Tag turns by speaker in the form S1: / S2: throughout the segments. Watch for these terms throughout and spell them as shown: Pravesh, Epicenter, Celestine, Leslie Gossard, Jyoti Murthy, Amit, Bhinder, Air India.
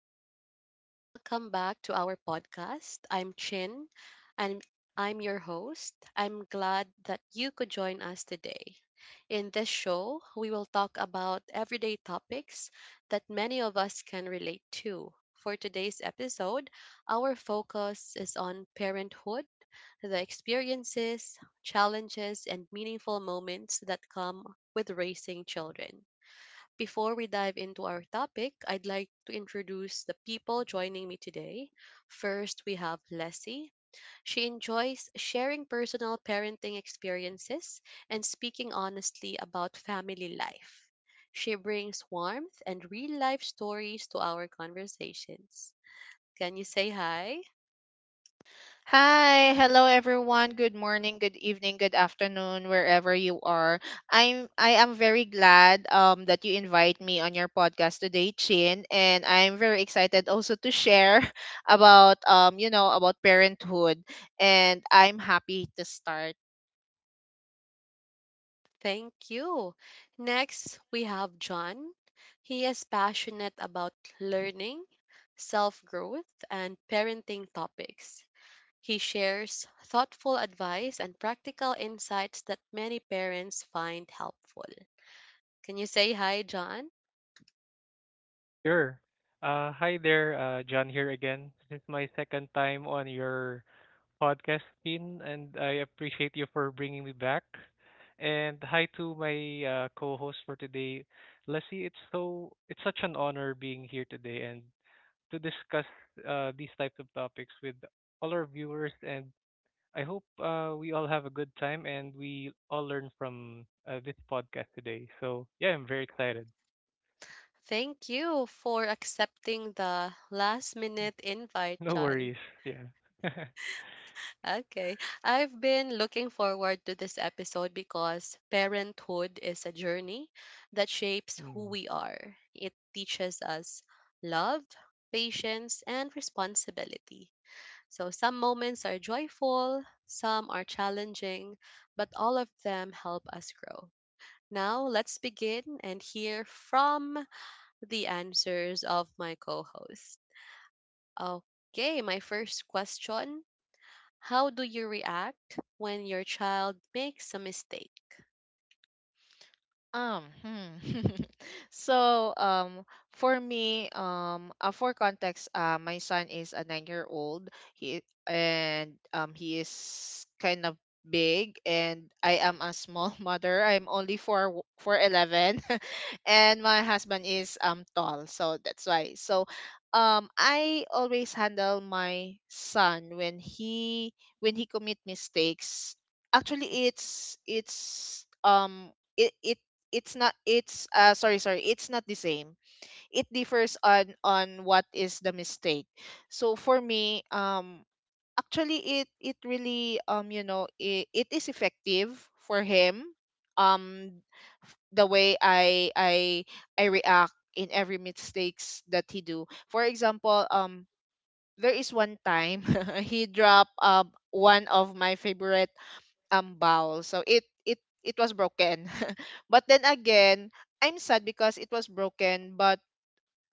S1: everyone, and welcome back to our podcast. I'm Chin, and I'm your host. I'm glad that you could join us today. In this show, we will talk about everyday topics that many of us can relate to. For today's episode, our focus is on parenthood, the experiences, challenges, and meaningful moments that come with raising children. Before we dive into our topic, I'd like to introduce the people joining me today. First, we have Leslie. She enjoys sharing personal parenting experiences and speaking honestly about family life. She brings warmth and real life stories to our conversations. Can you say hi?
S2: Hi, hello everyone. Good morning, good evening, good afternoon, wherever you are. I am very glad that you invite me on your podcast today, Chin, and I'm very excited also to share about you know about parenthood, and I'm happy to start.
S1: Thank you. Next, we have John. He is passionate about learning, self growth, and parenting topics. He shares thoughtful advice and practical insights that many parents find helpful. Can you say hi, John?
S3: Sure. Hi there, John here again. This is my second time on your podcast, Tin, and I appreciate you for bringing me back. And hi to my co-host for today, Leslie. It's such an honor being here today and to discuss these types of topics with all our viewers. And I hope we all have a good time and we all learn from this podcast today. So yeah, I'm very excited.
S1: Thank you for accepting the last minute invite,
S3: No
S1: John.
S3: worries. Yeah.
S1: Okay. I've been looking forward to this episode because parenthood is a journey that shapes who
S3: Mm.
S1: we are. It teaches us love, patience, and responsibility. So some moments are joyful, some are challenging, but all of them help us grow. Now, let's begin and hear from the answers of my co host. Okay, my first question, how do you react when your child makes a mistake?
S2: Um, hmm. So, for me, for context, my son is a 9-year-old. He is kind of big, and I am a small mother. I'm only four four eleven, and my husband is tall, so that's why. So, I always handle my son when he commit mistakes. Actually, it's not it's sorry sorry it's not the same. It differs on what is the mistake. So for me, actually it really, it is effective for him. um the way I react in every mistakes that he do, for example, there is one time he dropped one of my favorite bowl, so it was broken. But then again, I'm sad because it was broken, but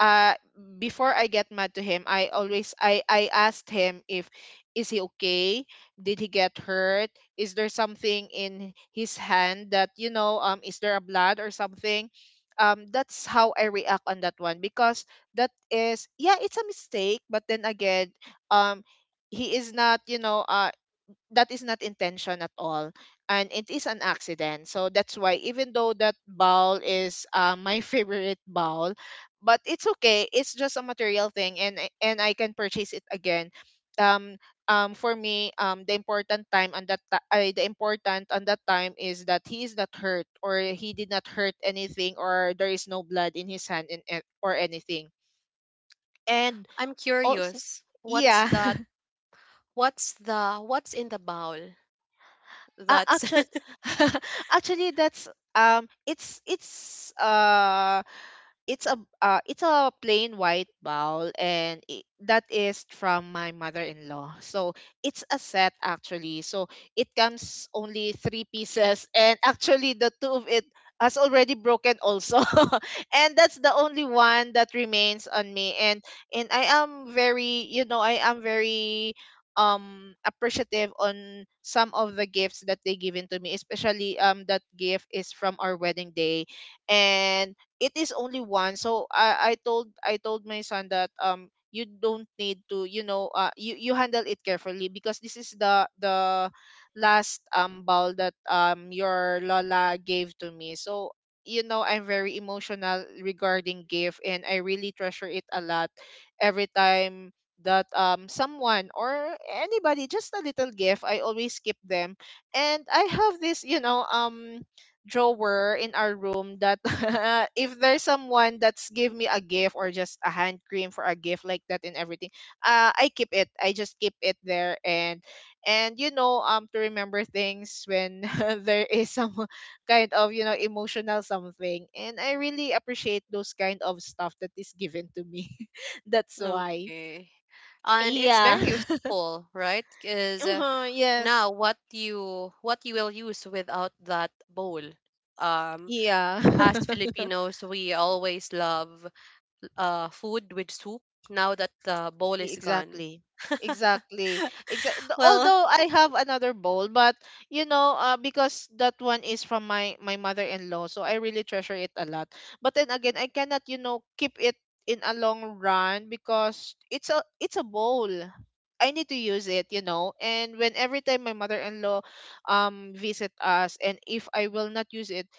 S2: uh before I get mad to him, I always, I asked him if is he okay, did he get hurt, is there something in his hand that, is there a blood or something. That's how I react on that one, because that is, yeah, it's a mistake. But then again, um he is not, that is not intention at all, and it is an accident. So that's why, even though that bowl is my favorite bowl, but it's okay, it's just a material thing, and and I can purchase it again. um for me, the important time on that ti- the important on that time is that he is not hurt, or he did not hurt anything, or there is no blood in his hand, and or anything. And
S1: I'm
S2: also,
S1: curious. What's
S2: yeah.
S1: that? What's in the bowl? That's
S2: Actually, that's, um, it's it's uh, it's a it's a plain white bowl, and that is from my mother-in-law. So it's a set actually. So it comes only three pieces, and actually the two of it has already broken also, and that's the only one that remains on me. And I am very, you know, I am very appreciative on some of the gifts that they given to me, especially that gift is from our wedding day, and it is only one. So I told my son that, you don't need to, you handle it carefully, because this is the last bowl that your lola gave to me. So you know, I'm very emotional regarding gift, and I really treasure it a lot. Every time that, someone or anybody, just a little gift, I always keep them. And I have this, drawer in our room that if there's someone that's give me a gift or just a hand cream for a gift like that, and everything, I just keep it there. And you know, to remember things when there is some kind of, emotional something, and I really appreciate those kind of stuff that is given to me. That's why.
S1: okay. And it's
S2: Yeah.
S1: very
S3: Mm.
S1: useful, right? Because
S2: Uh-huh, yes.
S1: now what you will use without that bowl? Um,
S2: Yeah.
S1: as Filipinos, we always love food with soup. Now that the bowl is gone.
S2: Exactly. Exactly. Exactly.
S1: Well,
S2: Although I have another bowl, but because that one is from my mother-in-law, so I really treasure it a lot. But then again, I cannot, keep it in a long run, because it's a, it's a bowl. I need to use it. And when every time my mother-in-law visit us, and if I will not use it,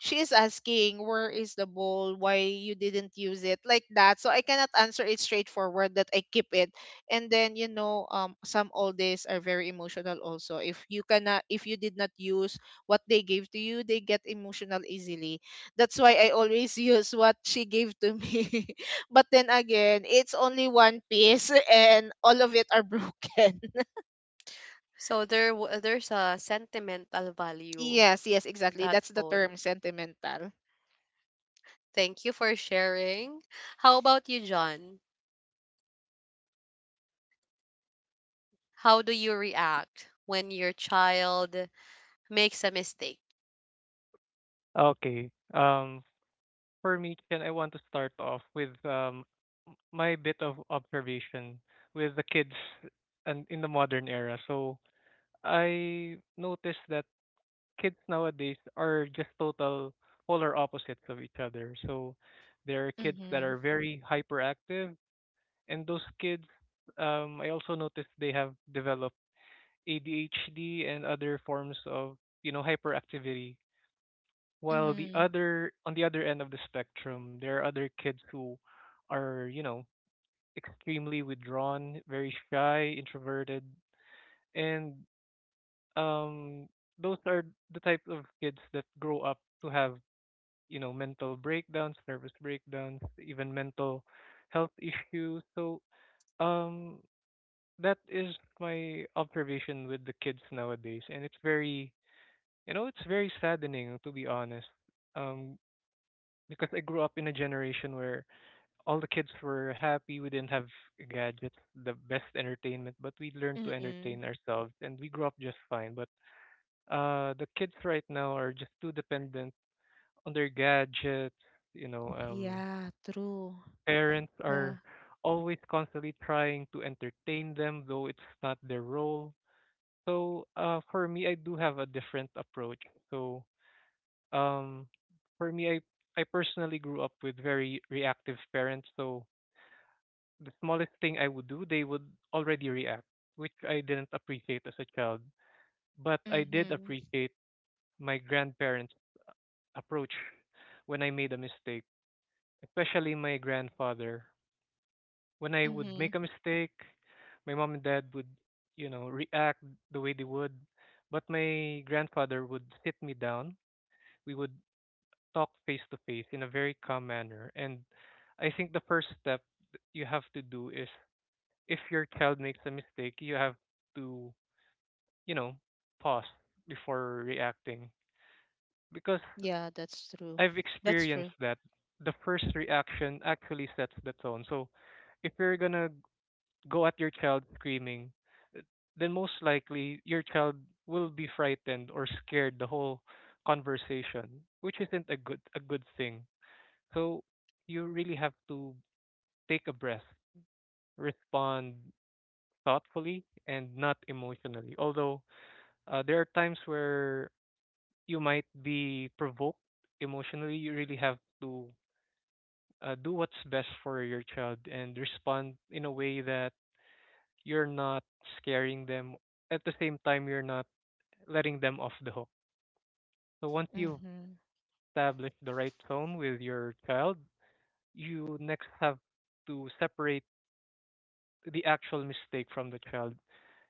S2: she is asking, where is the bowl, why you didn't use it like that. So I cannot answer it straightforward that I keep it. And then, some oldies are very emotional also. If you cannot if you did not use what they gave to you, they get emotional easily. That's why I always use what she gave to me, but then again, it's only one piece, and all of it are broken.
S1: so there's a sentimental value
S2: Yes, yes, exactly,
S1: that
S2: that's the
S1: poll.
S2: term, sentimental.
S1: Thank you for sharing. How about you, John? How do you react when your child makes a mistake?
S3: Okay. For me, Chen, I want to start off with my bit of observation with the kids and in the modern era. So I noticed that kids nowadays are just total polar opposites of each other. So there are kids that
S2: Mm-hmm.
S3: are very hyperactive, and those kids, I also noticed they have developed ADHD and other forms of hyperactivity. While the other on the other end of the spectrum, there are other kids who are, you know, extremely withdrawn, very shy, introverted, and um those are the type of kids that grow up to have, you know, mental breakdowns, nervous breakdowns, even mental health issues. So, um that is my observation with the kids nowadays, and it's very it's very saddening, to be honest. um because I grew up in a generation where all the kids were happy. We didn't have gadgets, the best entertainment, but we learned to
S2: Mm-hmm.
S3: entertain ourselves and we grew up just fine. But the kids right now are just too dependent on their gadgets. You know,
S2: Yeah, true.
S3: parents
S2: Yeah.
S3: are always constantly trying to entertain them, though it's not their role. So for me, I do have a different approach. So um, for me, I personally grew up with very reactive parents, so the smallest thing I would do, they would already react, which I didn't appreciate as a child. But I did
S2: Mhm.
S3: appreciate my grandparents' approach when I made a mistake, especially my grandfather. When I would make
S2: Mhm.
S3: a mistake, my mom and dad would, you know, react the way they would. But my grandfather would sit me down. We would talk face to face in a very calm manner. And I think the first step that you have to do is if your child makes a mistake, you have to, you know, pause before reacting. Because
S2: Yeah, that's true.
S3: I've
S2: That's
S3: experienced
S2: true.
S3: that the first reaction actually sets the tone. So if you're gonna go at your child screaming, uh, then most likely your child will be frightened or scared the whole conversation, which isn't a good thing. So you really have to take a breath, respond thoughtfully and not emotionally. Although there are times where you might be provoked emotionally. You really have to do what's best for your child and respond in a way that you're not scaring them. At the same time, you're not letting them off the hook. So once you've
S2: Mhm.
S3: established the right tone with your child, you next have to separate the actual mistake from the child.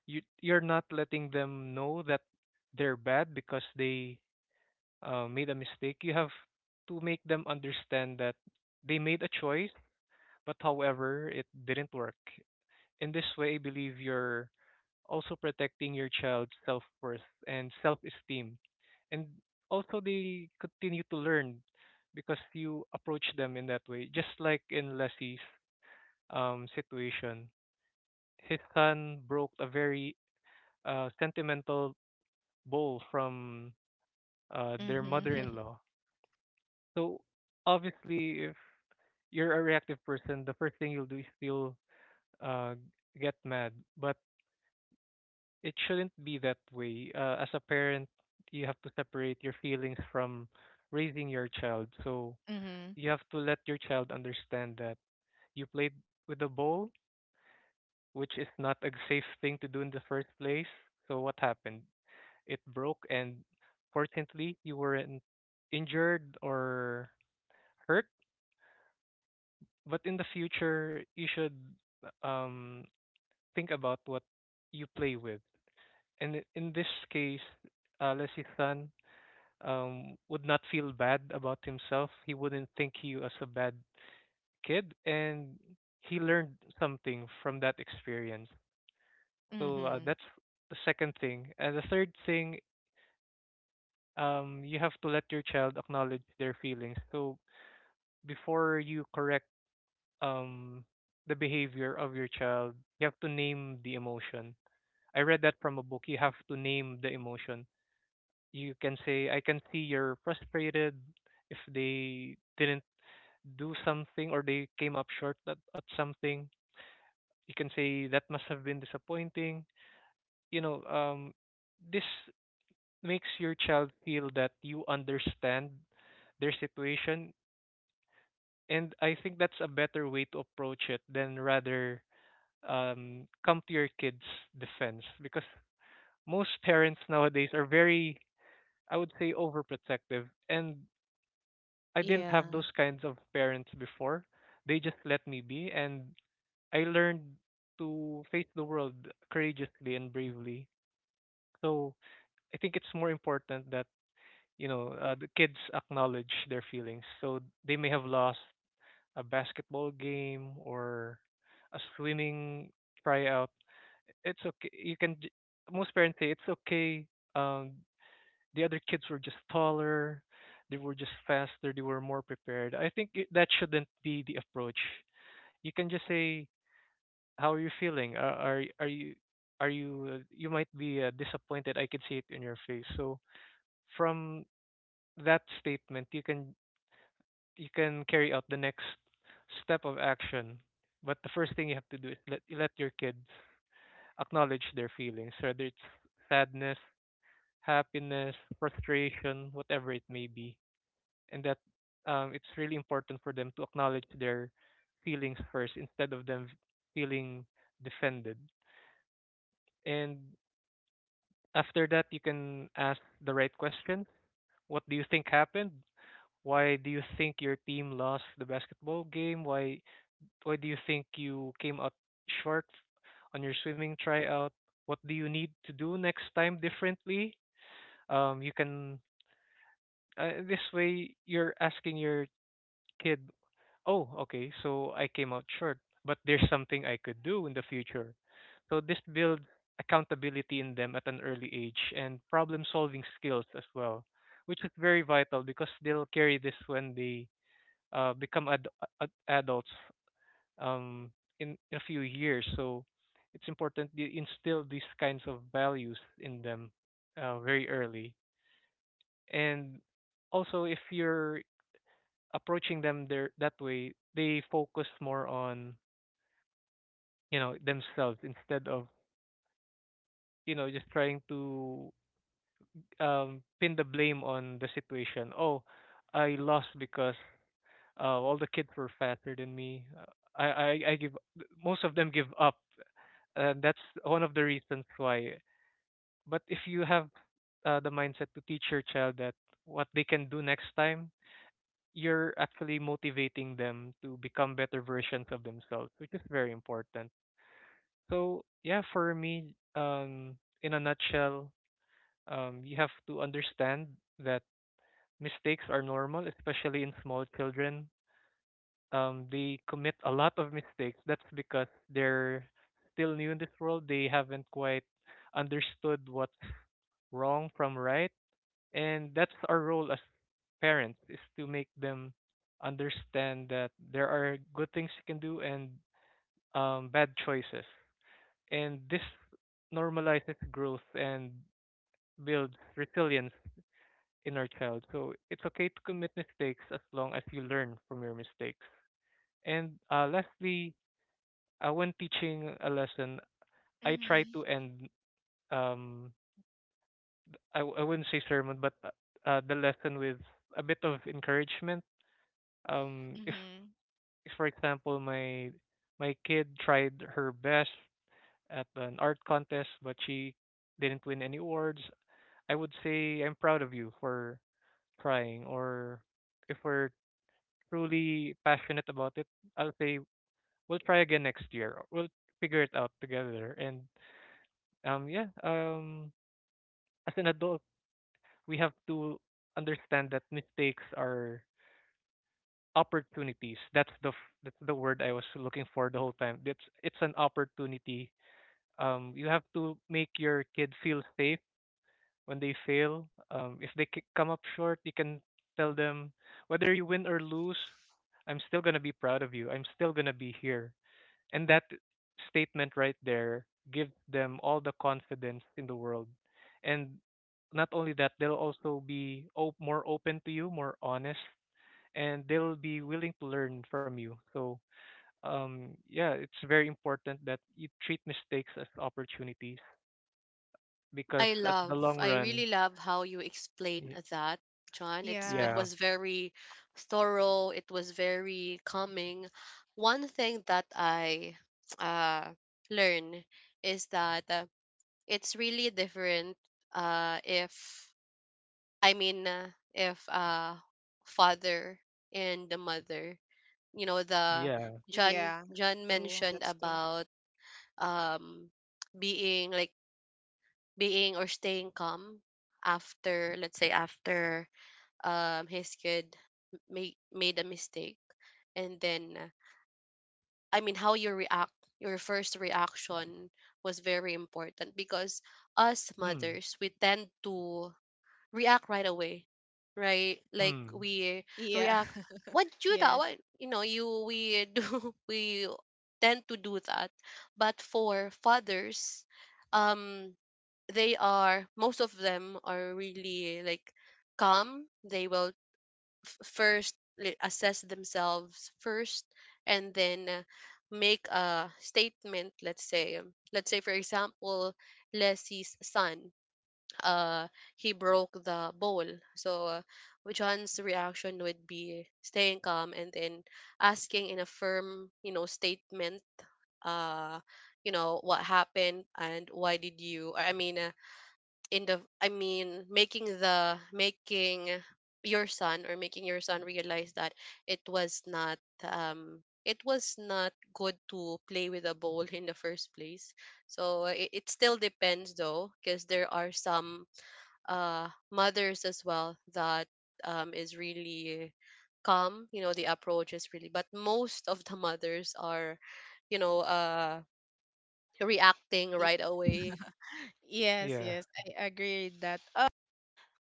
S3: You you're not letting them know that they're bad because they made a mistake. You have to make them understand that they made a choice, but however, it didn't work. In this way, I believe you're also protecting your child's self worth and self esteem. And also, they continue to learn because you approach them in that way. Just like in Leslie's situation, his son broke a very sentimental bowl from their mother in
S2: Mhm.
S3: law. So obviously, you're a reactive person, the first thing you'll do is you'll uh, get mad. But it shouldn't be that way. As a parent, you have to separate your feelings from raising your child. So
S2: Mhm. Mhm.
S3: you have to let your child understand that you played with a ball, which is not a safe thing to do in the first place. So what happened? It broke, and fortunately, you weren't injured or hurt. But in the future, you should um think about what you play with. And in this case, Lesithan would not feel bad about himself. He wouldn't think you as a bad kid, and he learned something from that experience. So that's the second thing. And the third thing, you have to let your child acknowledge their feelings. So before you correct um, the behavior of your child, you have to name the emotion. I read that from a book. You have to name the emotion. You can say, I can see you're frustrated if they didn't do something or they came up short at something. You can say that must have been disappointing. You know, this makes your child feel that you understand their situation, and I think that's a better way to approach it than rather come to your kids' defense because most parents nowadays are very, I would say, overprotective, and I didn't have those
S2: Yeah.
S3: kinds of parents before. They just let me be, and I learned to face the world courageously and bravely. So I think it's more important that the kids acknowledge their feelings. So they may have lost a basketball game or a swimming tryout. It's okay. Most parents say it's okay. Um, the other kids were just taller, they were just faster, they were more prepared. I think that shouldn't be the approach. You can just say, "How are you feeling? Are you you might be disappointed. I can see it in your face." So from that statement, you can carry out the next step of action. But the first thing you have to do is let your kids acknowledge their feelings, whether it's sadness, happiness, frustration, whatever it may be. And that it's really important for them to acknowledge their feelings first instead of them feeling defended. And after that, you can ask the right question. What do you think happened? Why do you think your team lost the basketball game? Why do you think you came out short on your swimming tryout? What do you need to do next time differently? You can this way you're asking your kid, oh, okay, so I came out short, but there's something I could do in the future. So this builds accountability in them at an early age and problem solving skills as well, which is very vital because they'll carry this when they become adults um, in a few years. So it's important to instill these kinds of values in them very early. And also, if you're approaching them there that way, they focus more on themselves instead of just trying to pin the blame on the situation. Oh, I lost because all the kids were faster than me. I give most of them give up, and that's one of the reasons why. But if you have the mindset to teach your child that what they can do next time, you're actually motivating them to become better versions of themselves, which is very important. So yeah, for me, in a nutshell, you have to understand that mistakes are normal, especially in small children. They commit a lot of mistakes. That's because they're still new in this world. They haven't quite understood what's wrong from right, and that's our role as parents is to make them understand that there are good things you can do and bad choices. And this normalizes growth and builds resilience in our child. So it's okay to commit mistakes as long as you learn from your mistakes. And lastly, when teaching a lesson, I try
S2: Mhm.
S3: to end um I wouldn't say sermon, but the lesson with a bit of encouragement. Um, if,
S2: Mhm.
S3: if for example my my kid tried her best at an art contest, but she didn't win any awards, I would say I'm proud of you for trying, or if we're truly passionate about it, I'll say we'll try again next year. Or we'll figure it out together. And yeah, as an adult, we have to understand that mistakes are opportunities. That's the that's the word I was looking for the whole time. It's an opportunity. You have to make your kid feel safe when they fail. If they come up short, you can tell them whether you win or lose, I'm still gonna be proud of you. I'm still gonna be here. And that statement right there gives them all the confidence in the world. And not only that, they'll also be more open to you, more honest, and they'll be willing to learn from you. So, yeah, it's very important that you treat mistakes as opportunities because at the long
S1: I
S3: run,
S1: really love how you explain
S3: y-
S1: that, John. It
S2: Yeah.
S3: yeah.
S1: was very thorough, it was very calming. One thing that I uh learn is that it's really different if if father and the mother, you know, the
S3: Yeah.
S1: John
S2: Yeah.
S1: John
S2: True.
S1: mentioned
S2: That's true.
S1: about um being like being or staying calm after let's say after his kid made a mistake and then, I mean, how you react, your first reaction was very important, because us
S3: Mm.
S1: mothers we tend to react right away, right? Like
S3: Mm.
S1: we
S2: Yeah.
S1: react what you that
S2: Yes.
S1: what you know you we do, we tend to do that. But for fathers, um they are, most of them are really like calm. They will assess themselves first and then, make a statement. Let's say, let's say for example, Leslie's son, uh he broke the bowl. So John's reaction would be staying calm and then asking in a firm, you know, statement, uh you know, what happened and why did you, in the, making the, making your son, or making your son realize that it was not, it was not good to play with a ball in the first place. So it still depends though, because there are some mothers as well that is really calm, you know, the approach is really, but most of the mothers are, you know, reacting
S2: y-
S1: right away.
S2: Yes,
S3: Yeah.
S2: yes. I agree with that.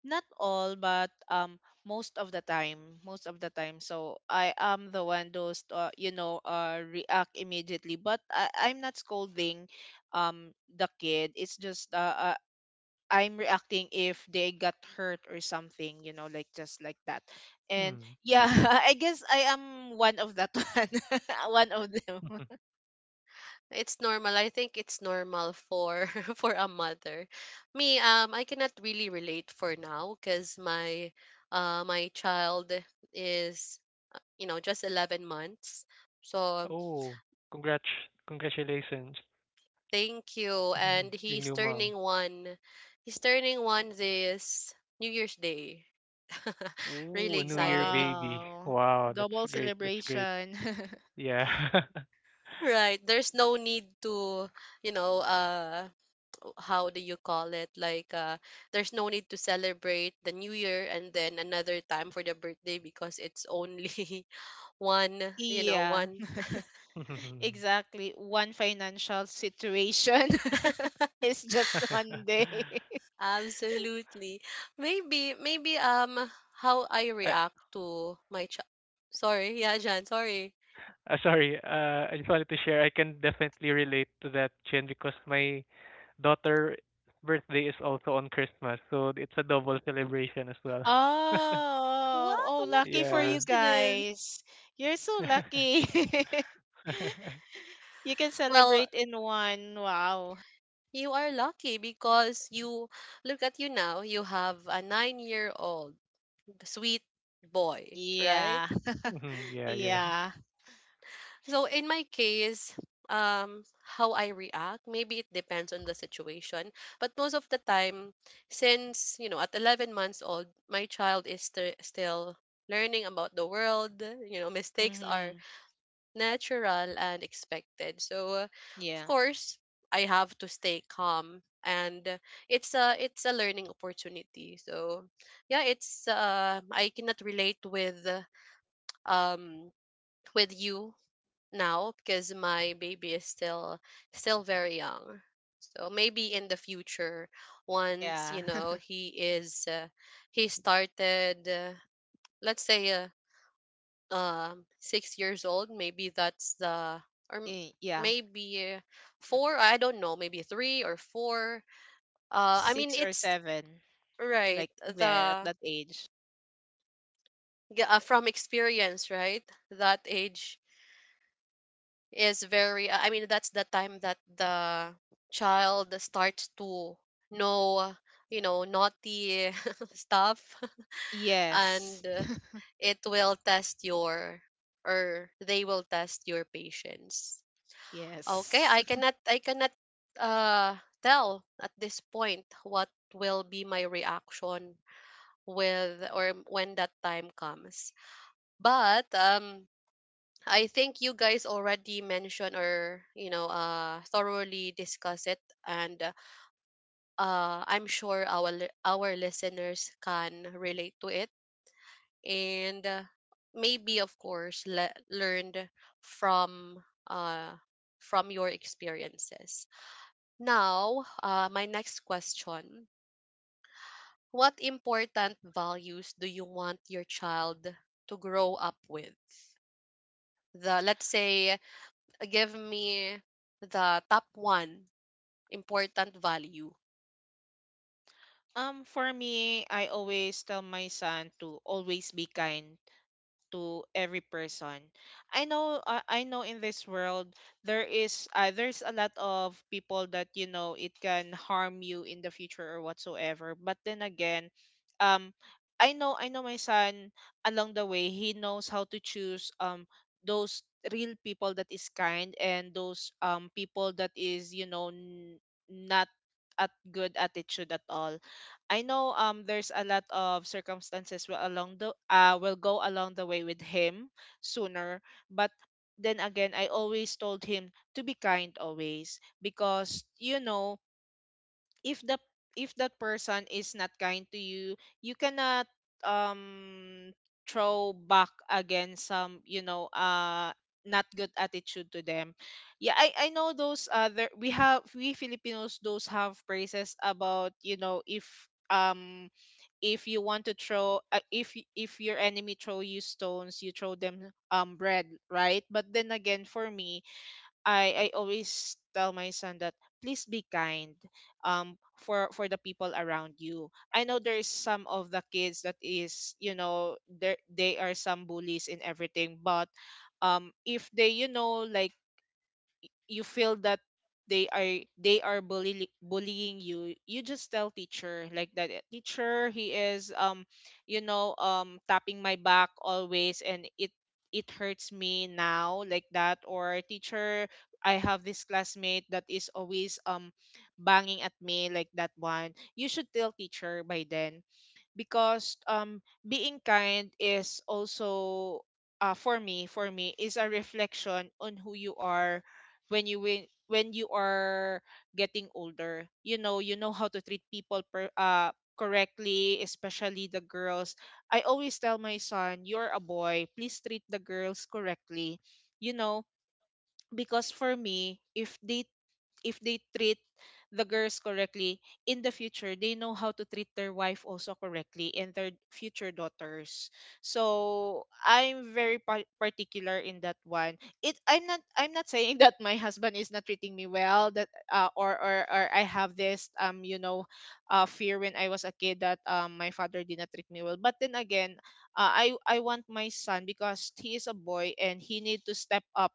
S2: Not all, but most of the time, most of the time. So I am the one, those, react immediately, but I'm not scolding the kid. It's just, I'm reacting if they got hurt or something, you know, like just like that. And
S3: Mm.
S2: yeah, I guess I am one of that one, one of them.
S1: It's normal. I think it's normal for for a mother. Me, I cannot really relate for now because my child is you know, just 11 months. So
S3: Oh, congrats. Congratulations.
S1: thank you, and
S3: Your
S1: he's
S3: new mom.
S1: turning one. He's turning one this New Year's Day. Really
S3: Ooh, a new year
S1: excited.
S3: baby.
S2: Wow,
S3: Wow, that's
S2: double
S3: great. That's great.
S2: celebration.
S3: Yeah.
S1: Right. There's no need to, you know, how do you call it, there's no need to celebrate the new year and then another time for the birthday because it's only one, you know,
S2: Yeah.
S1: one
S2: Exactly. One financial situation is just
S3: I
S2: one day.
S1: absolutely. Maybe how I react to my child, sorry, yeah, Jan, sorry.
S3: Sorry. I just wanted to share. I can definitely relate to that, Chen, because my daughter' birthday is also on Christmas, so it's a double celebration as well.
S1: Wow,
S2: Oh, oh,
S1: what a
S2: lucky for
S3: Yeah.
S2: you
S1: coincidence.
S2: guys. You're so lucky. You can
S1: Well,
S2: celebrate in one. Wow.
S1: you are lucky because you, look at you now, you have a 9-year-old old sweet boy, right?
S2: Yeah.
S3: Mhm, yeah, yeah.
S2: Yeah.
S1: So in my case, how I react, maybe it depends on the situation. But most of the time, since you know, at 11 months old, my child is still learning about the world. You know, mistakes are
S2: Mm-hmm.
S1: natural and expected. So, of
S2: Yeah.
S1: course, I have to stay calm, and it's a learning opportunity. So, yeah, it's, I cannot relate um with you now because my baby is still, still very young. So maybe in the future, once you
S2: Yeah.
S1: know he is, he started, let's say, 6 years old. Maybe that's the, or
S2: Eh, yeah.
S1: maybe four. I don't know. Maybe three or four. I mean,
S2: Six or
S1: it's
S2: seven,
S1: right.
S2: like there at
S1: The
S2: that age.
S1: from experience, right? That age is very, I mean that's the time that the child starts to know, you know, naughty stuff.
S2: Yes.
S1: And it will test your, or they will test your patience. Okay,
S2: Yes.
S1: I cannot uh tell at this point what will be my reaction with or when that time comes. But I think you guys already mentioned or you know, thoroughly discuss it, and I'm sure our our listeners can relate to it, and maybe of course learned from uh from your experiences. Now, my next question, what important values do you want your child to grow up with? The Let's say, give me the top one important value.
S2: For me, I always tell my son to always be kind to every person. I know in this world, there is, there's a lot of people that, it can harm you in the future or whatsoever. But then again, um, I know my son, along the way, he knows how to choose those real people that is kind, and those people that is, not at good attitude at all. I know, there's a lot of circumstances will go along the way with him sooner. But then again, I always told him to be kind always, because, if the if that person is not kind to you, you cannot um throw back again some, not good attitude to them. Yeah, I know, those other, we Filipinos those have phrases about, if, you want to throw if y- if your enemy throw you stones, you throw them bread, right. But then again, for me, I always tell my son that, please be kind, for the people around you. I know, there's some of the kids that is, there they are some bullies and everything. But if they, like, you feel that they are bullying you, you just tell teacher, like that, "Eh, teacher, he is, tapping my back always, and it hurts me now," like that, or, "Teacher, I have this classmate that is always, banging at me," like that one. You should tell teacher by then, because, being kind is also, for me is a reflection on who you are. When you win when you are getting older, how to treat people, correctly, especially the girls. I always tell my son, you're a boy, please treat the girls correctly, you know. Because for me, if they treat the girls correctly in the future, they know how to treat their wife also correctly, and their future daughters. So I'm very particular in that one. It I'm not saying that my husband is not treating me well, that, or I have this, fear when I was a kid, that, my father did not treat me well. But then again, I want my son, because he is a boy, and he need to step up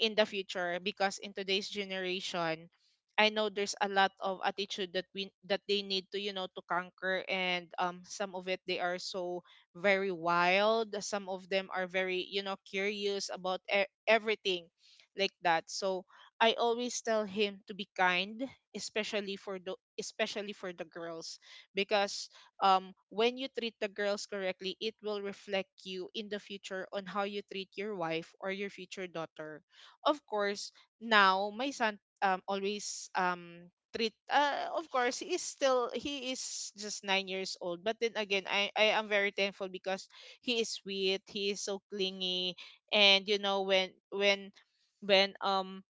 S2: in the future, because in today's generation, I know there's a lot of attitude that we that they need to, to conquer. And some of it, they are so very wild, some of them are very, curious about everything, like that. So I always tell him to be kind, especially for the girls, because, when you treat the girls correctly, it will reflect you in the future on how you treat your wife or your future daughter. Of course, now my son always, treat, of course, he is just 9 years old. But then again, I am very thankful, because he is sweet, he is so clingy, and, when, when um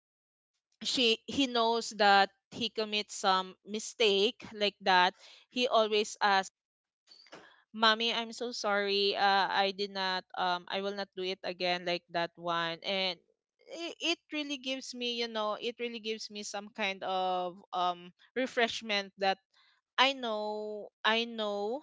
S2: she he knows that he commits some mistake like that, he always, "Mommy, I'm so sorry, I will not do it again," like that one, and it really gives me, it Really gives me some kind of refreshment that I know, I know,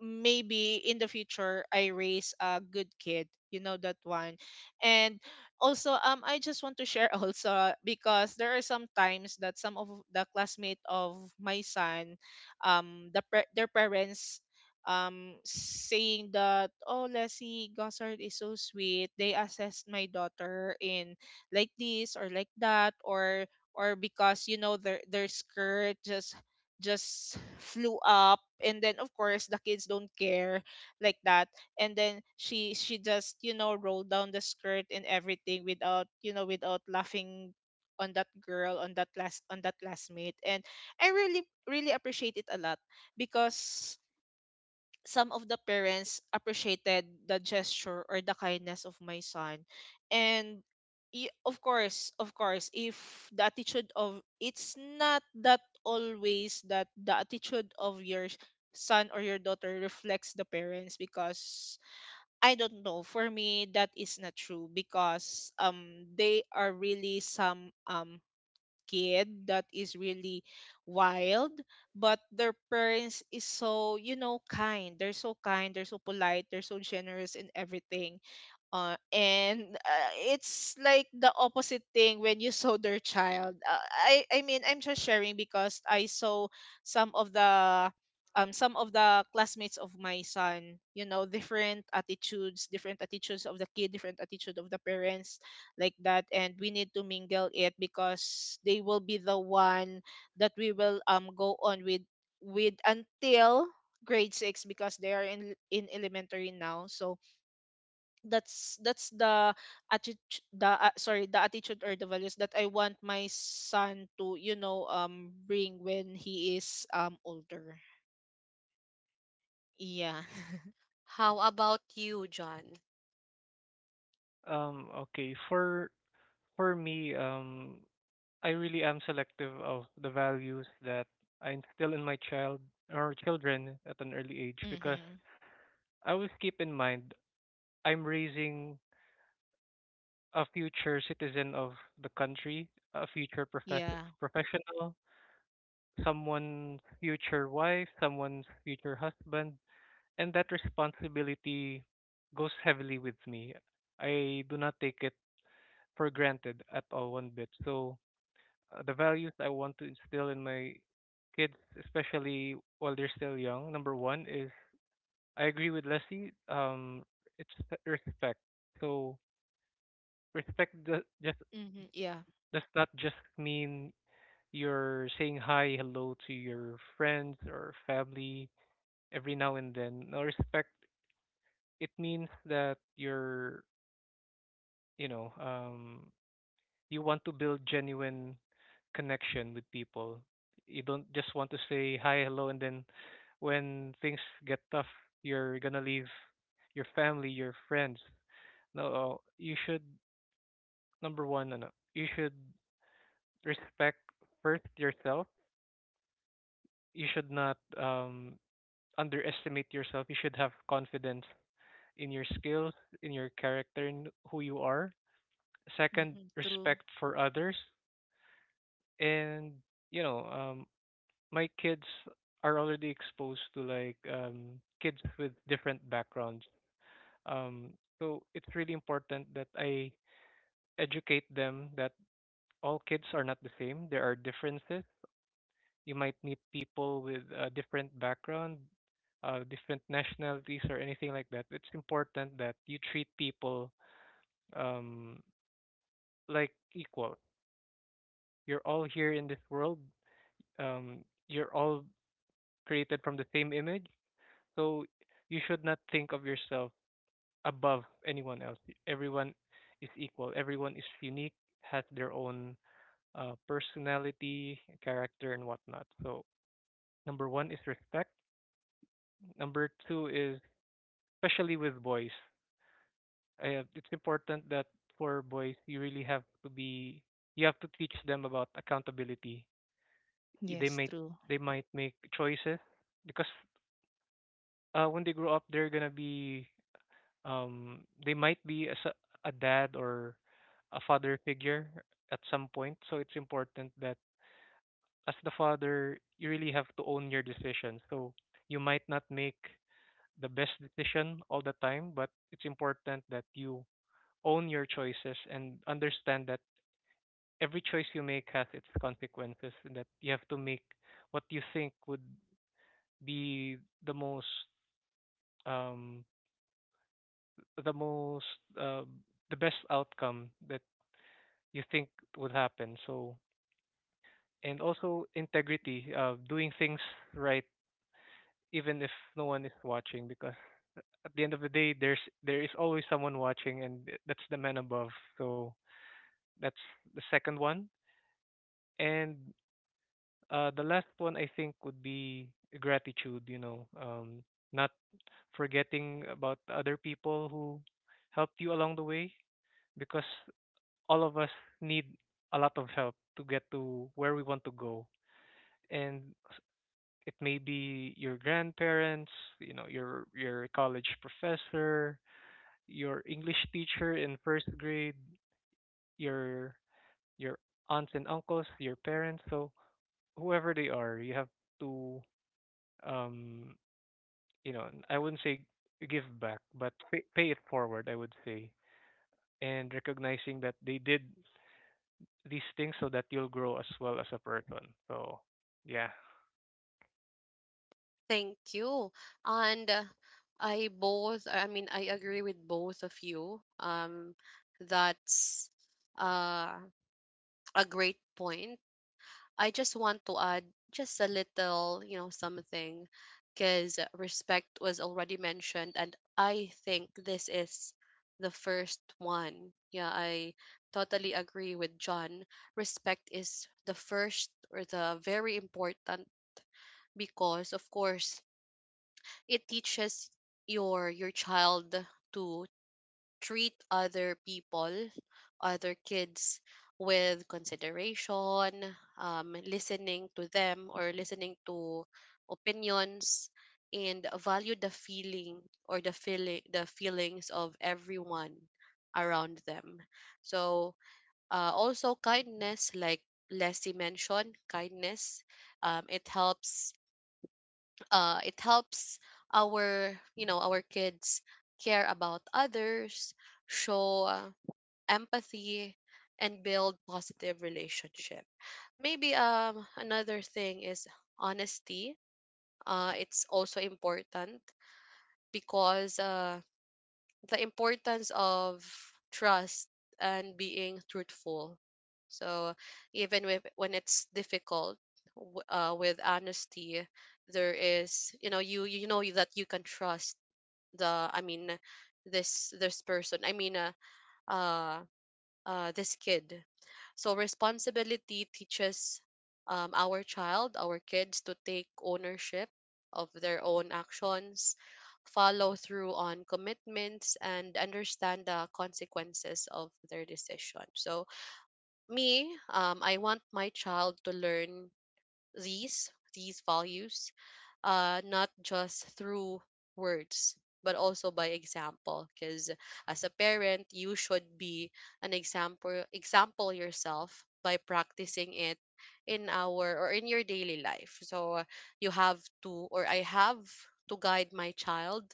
S2: maybe in the future I raise a good kid. You know that one. And also I just want to share also because there are some times that some of the classmate of my son their parents saying that oh, Leslie Gossard is so sweet. They assessed my daughter in like this or like that or because you know their skirt just flew up, and then of course the kids don't care like that. And then she just, you know, rolled down the skirt and everything without, you know, without laughing on that girl, on that class, on that classmate. And I really, really appreciate it a lot because some of the parents appreciated the gesture or the kindness of my son. And of course, of course, if the attitude of, it's not that always that the attitude of your son or your daughter reflects the parents, because I don't know, for me that is not true because they are really some kid that is really wild, but their parents is so, you know, kind. They're so kind, they're so polite, they're so generous in everything. And it's like the opposite thing when you saw their child. I mean, I'm just sharing because I saw some of the some of the classmates of my son, you know, different attitudes, different attitudes of the kid, different attitude of the parents, like that. And we need to mingle it because they will be the one that we will go on with, until grade 6, because they are in elementary now. So that's the attitude, the sorry the attitude or the values that I want my son to, you know, bring when he is older. Yeah.
S1: How about you, John?
S3: Okay. For me, I really am selective of the values that I instill in my child or children at an early age, because
S2: Mhm.
S3: I always keep in mind I'm raising a future citizen of the country, a future
S2: Yeah.
S3: professional, someone's future wife, someone's future husband, and that responsibility goes heavily with me. I do not take it for granted at all one bit. So, the values I want to instill in my kids, especially while they're still young, number one is, I agree with Leslie. It's respect. So respect just
S2: Mhm. Yeah.
S3: does not just mean you're saying hi, hello to your friends or family every now and then. No, respect. It means that you're, you know, um, you want to build genuine connection with people. You don't just want to say hi, hello, and then when things get tough, you're gonna leave your family, your friends. No, you should, number one, ano, you should respect first yourself. You should not underestimate yourself. You should have confidence in your skills, in your character, in who you are. Second,
S2: Mhm. True.
S3: respect for others, and you know, um, my kids are already exposed to like kids with different backgrounds, um so it's really important that I educate them that all kids are not the same. There are differences. You might meet people with a different background, different nationalities, or anything like that. It's important that you treat people um like equal. You're all here in this world, um you're all created from the same image. So you should not think of yourself above anyone else. Everyone is equal. Everyone is unique, has their own personality, character, and whatnot. So number one is respect. Number two is, especially with boys, it's important that for boys you have to teach them about accountability. They
S2: Yes.
S3: might
S2: True.
S3: they might make choices because, when they grow up, they're gonna be, um they might be a dad or a father figure at some point, so it's important that as the father you really have to own your decision. So you might not make the best decision all the time, but it's important that you own your choices and understand that every choice you make has its consequences, and that you have to make what you think would be the most, um the most, uh, the best outcome that you think would happen. So, and also integrity of doing things right even if no one is watching, because at the end of the day there is always someone watching, and that's the man above. So, that's the second one. And the last one I think would be gratitude. You know, not forgetting about the other people who helped you along the way, because all of us need a lot of help to get to where we want to go. And it may be your grandparents, you know, your college professor, your English teacher in first grade, your your aunts and uncles, your parents, so whoever they are, you have to, um I wouldn't say give back, but pay it forward, I would say. And recognizing that they did these things so that you'll grow as well as a person. So, yeah.
S1: Thank you. And I mean, I agree with both of you. That's uh, a great point. I just want to add just a little, you know, something because respect was already mentioned and I think this is the first one. Yeah, I totally agree with John. Respect is the first or the very important because of course it teaches your child to treat other people, other kids with consideration, listening to them, or listening to opinions, and value the feeling, or the feelings of everyone around them. So also kindness, like Leslie mentioned, kindness. It helps, it helps our, you know, our kids care about others, show empathy, and build positive relationship. Maybe another thing is honesty. It's also important because the importance of trust and being truthful. So even with, when it's difficult, with honesty, there is, you know, you know that you can trust the I mean, this person. Uh this kid. So responsibility teaches, our child, our kids, to take ownership of their own actions, follow through on commitments, and understand the consequences of their decision. So, me, I want my child to learn these values, not just through words, but also by example, because as a parent you should be an example yourself by practicing it in our, or in your daily life. So you have to, or I have to guide my child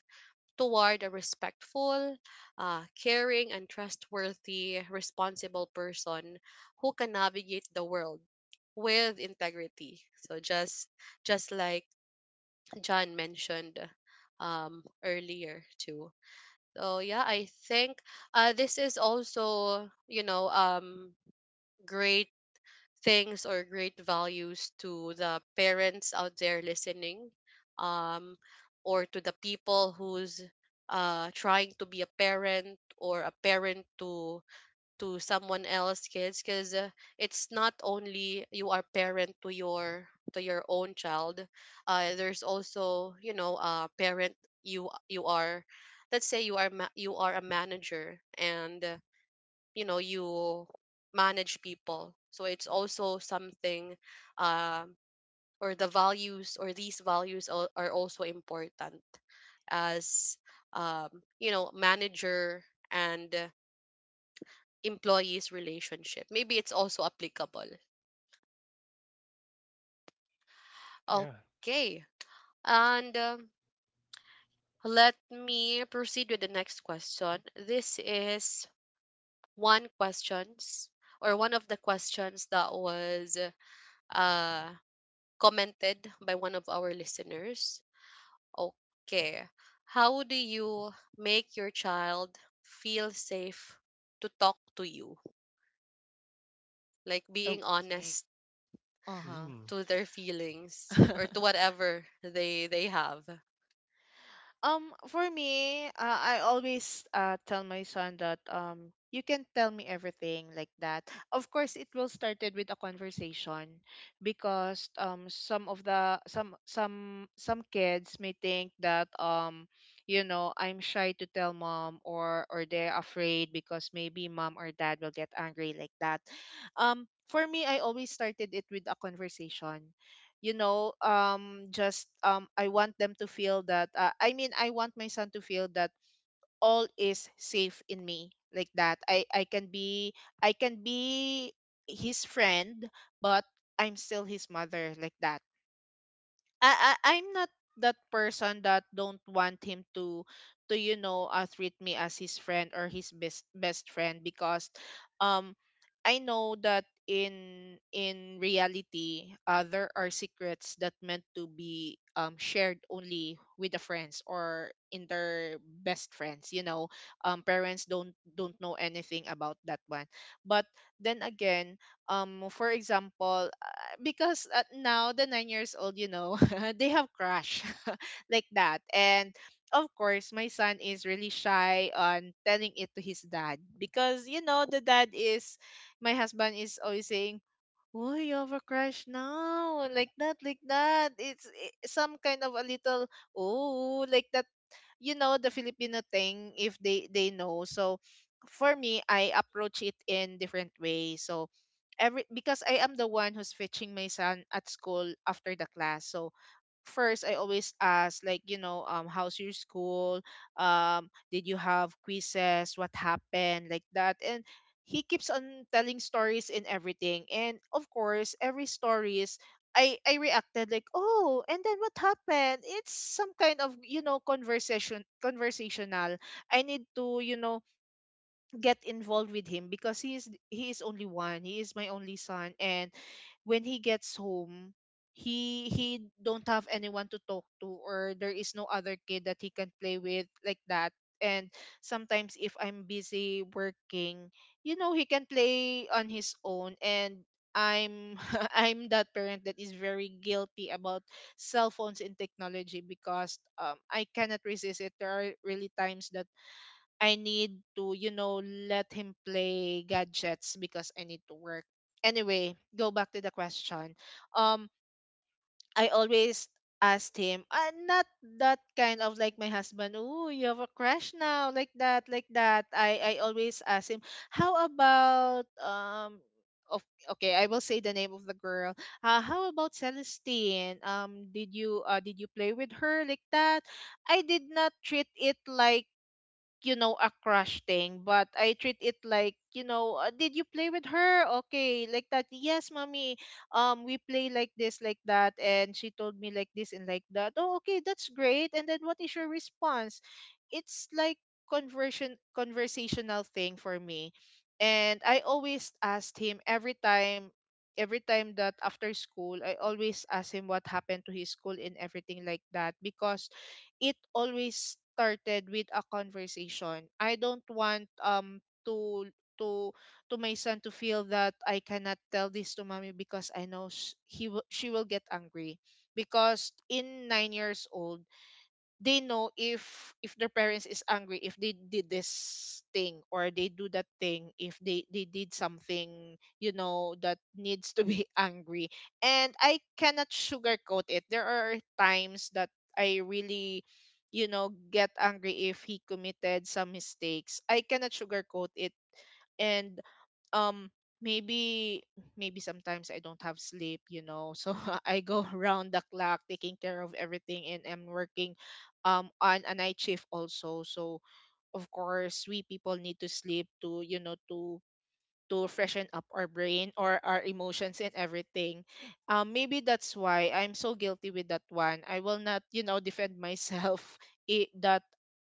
S1: toward a respectful, caring, and trustworthy, responsible person who can navigate the world with integrity. So just like John mentioned earlier too. So yeah, I think this is also, you know, great things, or great values to the parents out there listening, um or to the people who's trying to be a parent, or a parent to someone else kids, because it's not only you are parent to your, to your own child. There's also, you know, parent, you are, let's say you are you are a manager and you know you manage people, so it's also something, um or the values, or these values are also important as, um you know, manager and, employees relationship, maybe it's also applicable.
S3: Yeah.
S1: Okay, and let me proceed with the next question. This is one questions or one of the questions that was uh commented by one of our listeners. Okay. How do you make your child feel safe to talk to you? Like being
S2: Okay.
S1: honest
S2: Uh huh.
S3: Mm.
S1: to their feelings, or to whatever they have.
S2: For me, I always tell my son that you can tell me everything like that. Of course, it will started with a conversation because some of the some some kids may think that you know, I'm shy to tell mom or they're afraid because maybe mom or dad will get angry like that. For me, I always started it with a conversation, you know, just I want them to feel that I mean, I want my son to feel that all is safe in me, like that. I can be, I can be his friend, but I'm still his mother, like that. I'm not that person that don't want him to, you know, treat me as his friend or his best friend, because um I know that in reality there are secrets that meant to be shared only with the friends or in their best friends, you know, parents don't know anything about that one. But then again, for example, because now the 9 years old, you know, they have crush like that. And of course, my son is really shy on telling it to his dad, because you know the dad is, my husband is always saying, oh, you have a crush now, like that, like that. It's eh, some kind of a little, oh, like that. You know the Filipino thing if they they know. So for me, I approach it in different ways. So every, because I am the one who's fetching my son at school after the class. So first I always ask, like, you know, how's your school, did you have quizzes, what happened, like that. And he keeps on telling stories and everything, and of course every stories I reacted like, oh, and then what happened? It's some kind of, you know, conversational. I need to, you know, get involved with him because he is only one, he is my only son. And when he gets home, he don't have anyone to talk to, or there is no other kid that he can play with, like that. And sometimes if I'm busy working, you know, he can play on his own. And I'm I'm that parent that is very guilty about cell phones and technology, because I cannot resist it. There are really times that I need to, you know, let him play gadgets because I need to work. Anyway, go back to the question. Um, I always asked him, not that kind of like my husband, oh, you have a crush now, like that, like that. I always ask him, how about, of, okay, I will say the name of the girl. How about Celestine? Did you play with her, like that? I did not treat it like, you know, a crush thing, but I treat it like, you know, did you play with her? Okay, like that. Yes, mommy, we play like this, like that, and she told me like this and like that. Oh, okay, that's great. And then what is your response? It's like conversion conversational thing for me. And I always asked him every time, every time that after school I always ask him what happened to his school and everything, like that, because it always started with a conversation. I don't want to to my son to feel that I cannot tell this to mommy because I know sh- he will she will get angry, because in 9 years old they know if their parents is angry, if they did this thing or they do that thing, if they they did something, you know, that needs to be angry. And I cannot sugarcoat it. There are times that I really, you know, get angry if he committed some mistakes. I cannot sugarcoat it. And um maybe, maybe sometimes I don't have sleep, you know. So I go around the clock taking care of everything, and I'm working on a night shift also. So of course we people need to sleep to, you know, to freshen up our brain or our emotions and everything. Maybe that's why I'm so guilty with that one. I will not, you know, defend myself it, that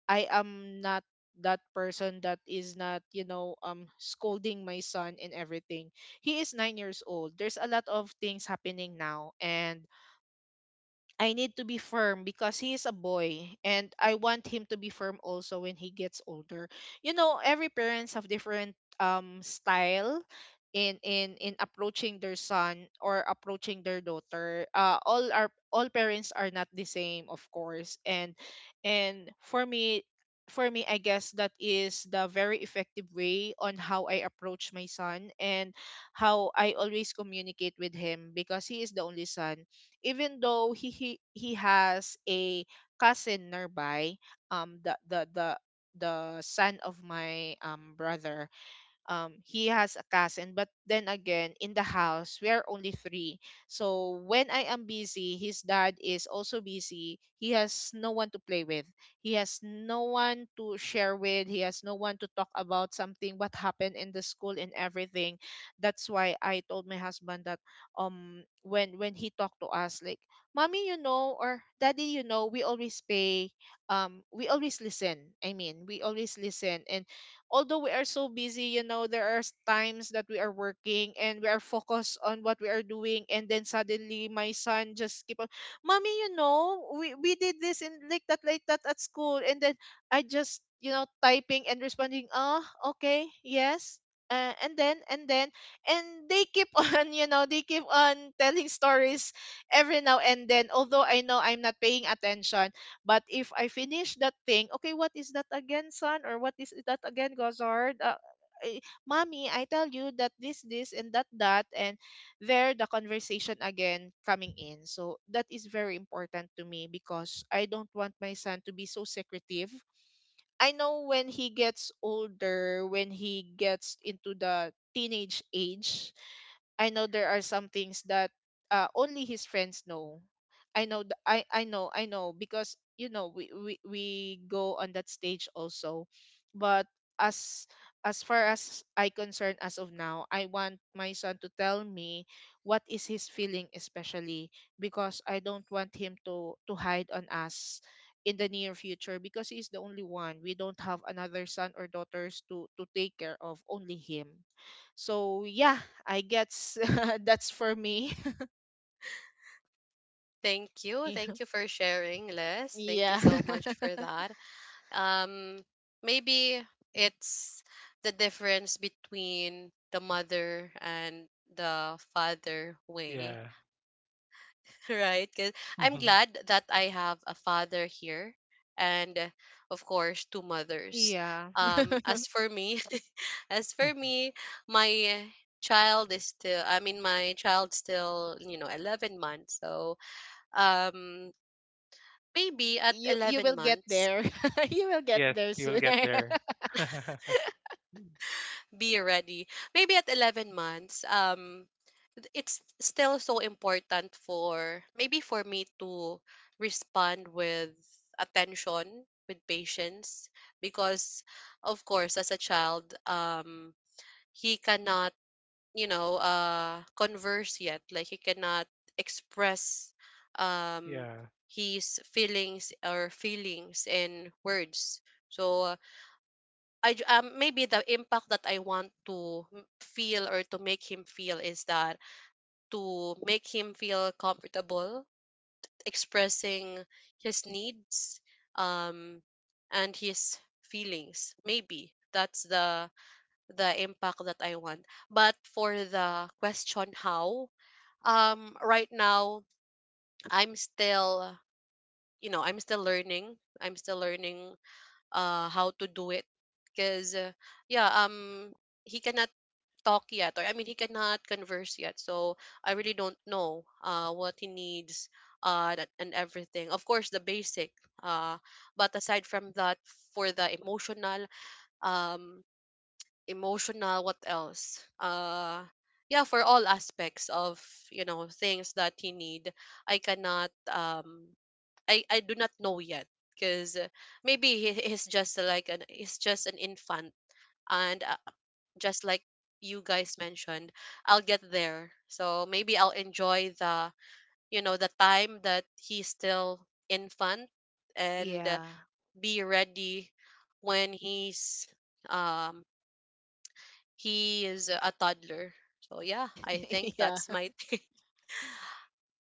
S2: I am not that person that is not, you know, scolding my son and everything. He is 9 years old. There's a lot of things happening now, and I need to be firm because he is a boy and I want him to be firm also when he gets older. You know, every parents have different style in approaching their son or approaching their daughter. Uh, all our all parents are not the same, of course. And for me, for me, I guess that is the very effective way on how I approach my son, and how I always communicate with him because he is the only son, even though he has a cousin nearby, um the the the the son of my brother. He has a cousin, but then again in the house we are only three. So when I am busy, his dad is also busy, he has no one to play with, he has no one to share with, he has no one to talk about something, what happened in the school and everything. That's why I told my husband that when he talked to us like, mommy, you know, or daddy, you know, we always pay, we always listen, I mean, we always listen. And although we are so busy, you know, there are times that we are working and we are focused on what we are doing, and then suddenly my son just keep on, mommy, you know, we did this in, like that, like that, at school, and then I just, you know, typing and responding, ah, okay, yes. And then and they keep on, you know, they keep on telling stories every now and then, although I know I'm not paying attention. But if I finish that thing, okay, what is that again, son? Or what is that again, Gozard? Eh, mommy, I tell you that this, and that, that, and there the conversation again coming in. So that is very important to me because I don't want my son to be so secretive. I know when he gets older, when he gets into the teenage age, I know there are some things that only his friends know. I know, I know, because you know we go on that stage also. But as as far as I concern, as of now, I want my son to tell me what is his feeling, especially because I don't want him to hide on us in the near future, because he is the only one. We don't have another son or daughters to take care of, only him. So yeah, I guess that's for me.
S1: Thank you. Thank you for sharing, Les. Thank you
S2: Yeah.
S1: so much for that. Um maybe it's the difference between the mother and the father way, right? Because I'm
S3: Yeah.
S1: glad that I have a father here and, of course, two mothers.
S2: Yeah.
S1: As for me, as for me, my child is still, I mean, my child's still, you know, 11 months. So, um, maybe at
S2: You
S1: 11
S2: will get
S1: months,
S2: there. You will get
S3: Yes,
S2: there
S3: you will get
S2: sooner.
S3: there.
S1: be ready. Maybe at 11 months, it's still so important for, maybe for me, to respond with attention, with patience, because of course, as a child, he cannot, you know, converse yet. Like he cannot express, um,
S3: Yeah.
S1: his feelings, or feelings in words. So I ju maybe the impact that I want to feel or to make him feel is that to make him feel comfortable expressing his needs um and his feelings, maybe that's the impact that I want. But for the question how, right now I'm still, I'm still learning. I'm still learning how to do it, because yeah um he cannot talk yet, or I mean he cannot converse yet, so I really don't know what he needs, and everything, of course the basic, uh but aside from that, for the emotional, um emotional, what else, yeah, for all aspects of, things that he need, I cannot, I do not know yet, because maybe he's just an infant. And just like you guys mentioned, I'll get there. So maybe I'll enjoy the, the time that he's still infant, and
S2: Yeah.
S1: be ready when um he is a toddler. So yeah, I think
S2: Yeah.
S1: that's my thing.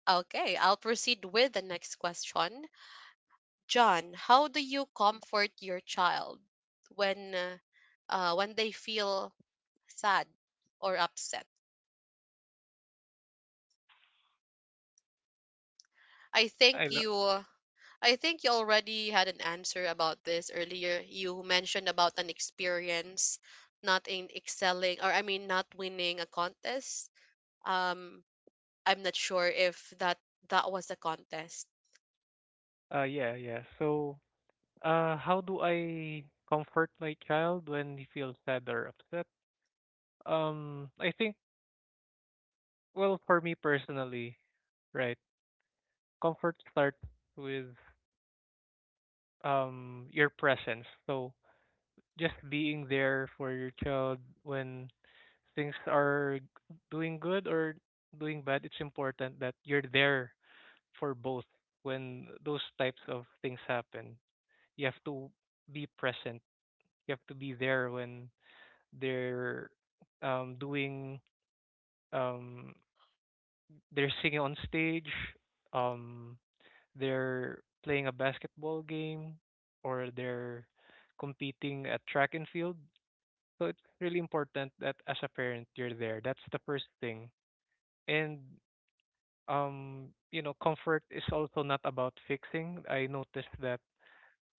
S1: Okay, I'll proceed with the next question. John, how do you comfort your child when uh, when they feel sad or upset? I
S3: I
S1: think
S3: lo-
S1: you I think you already had an answer about this earlier. You mentioned about an experience, not in excelling, or I mean, not winning a contest. Um, I'm not sure if that was a contest.
S3: yeah, yeah. So, how do I comfort my child when he feels sad or upset? I think, well, for me personally, right? Comfort starts with your presence. So, just being there for your child when things are doing good or doing bad, it's important that you're there for both. When those types of things happen, you have to be present. You have to be there when they're um, doing um, they're singing on stage, um, they're playing a basketball game, or they're competing at track and field. So it's really important that as a parent you're there. That's the first thing. And comfort is also not about fixing. I noticed that,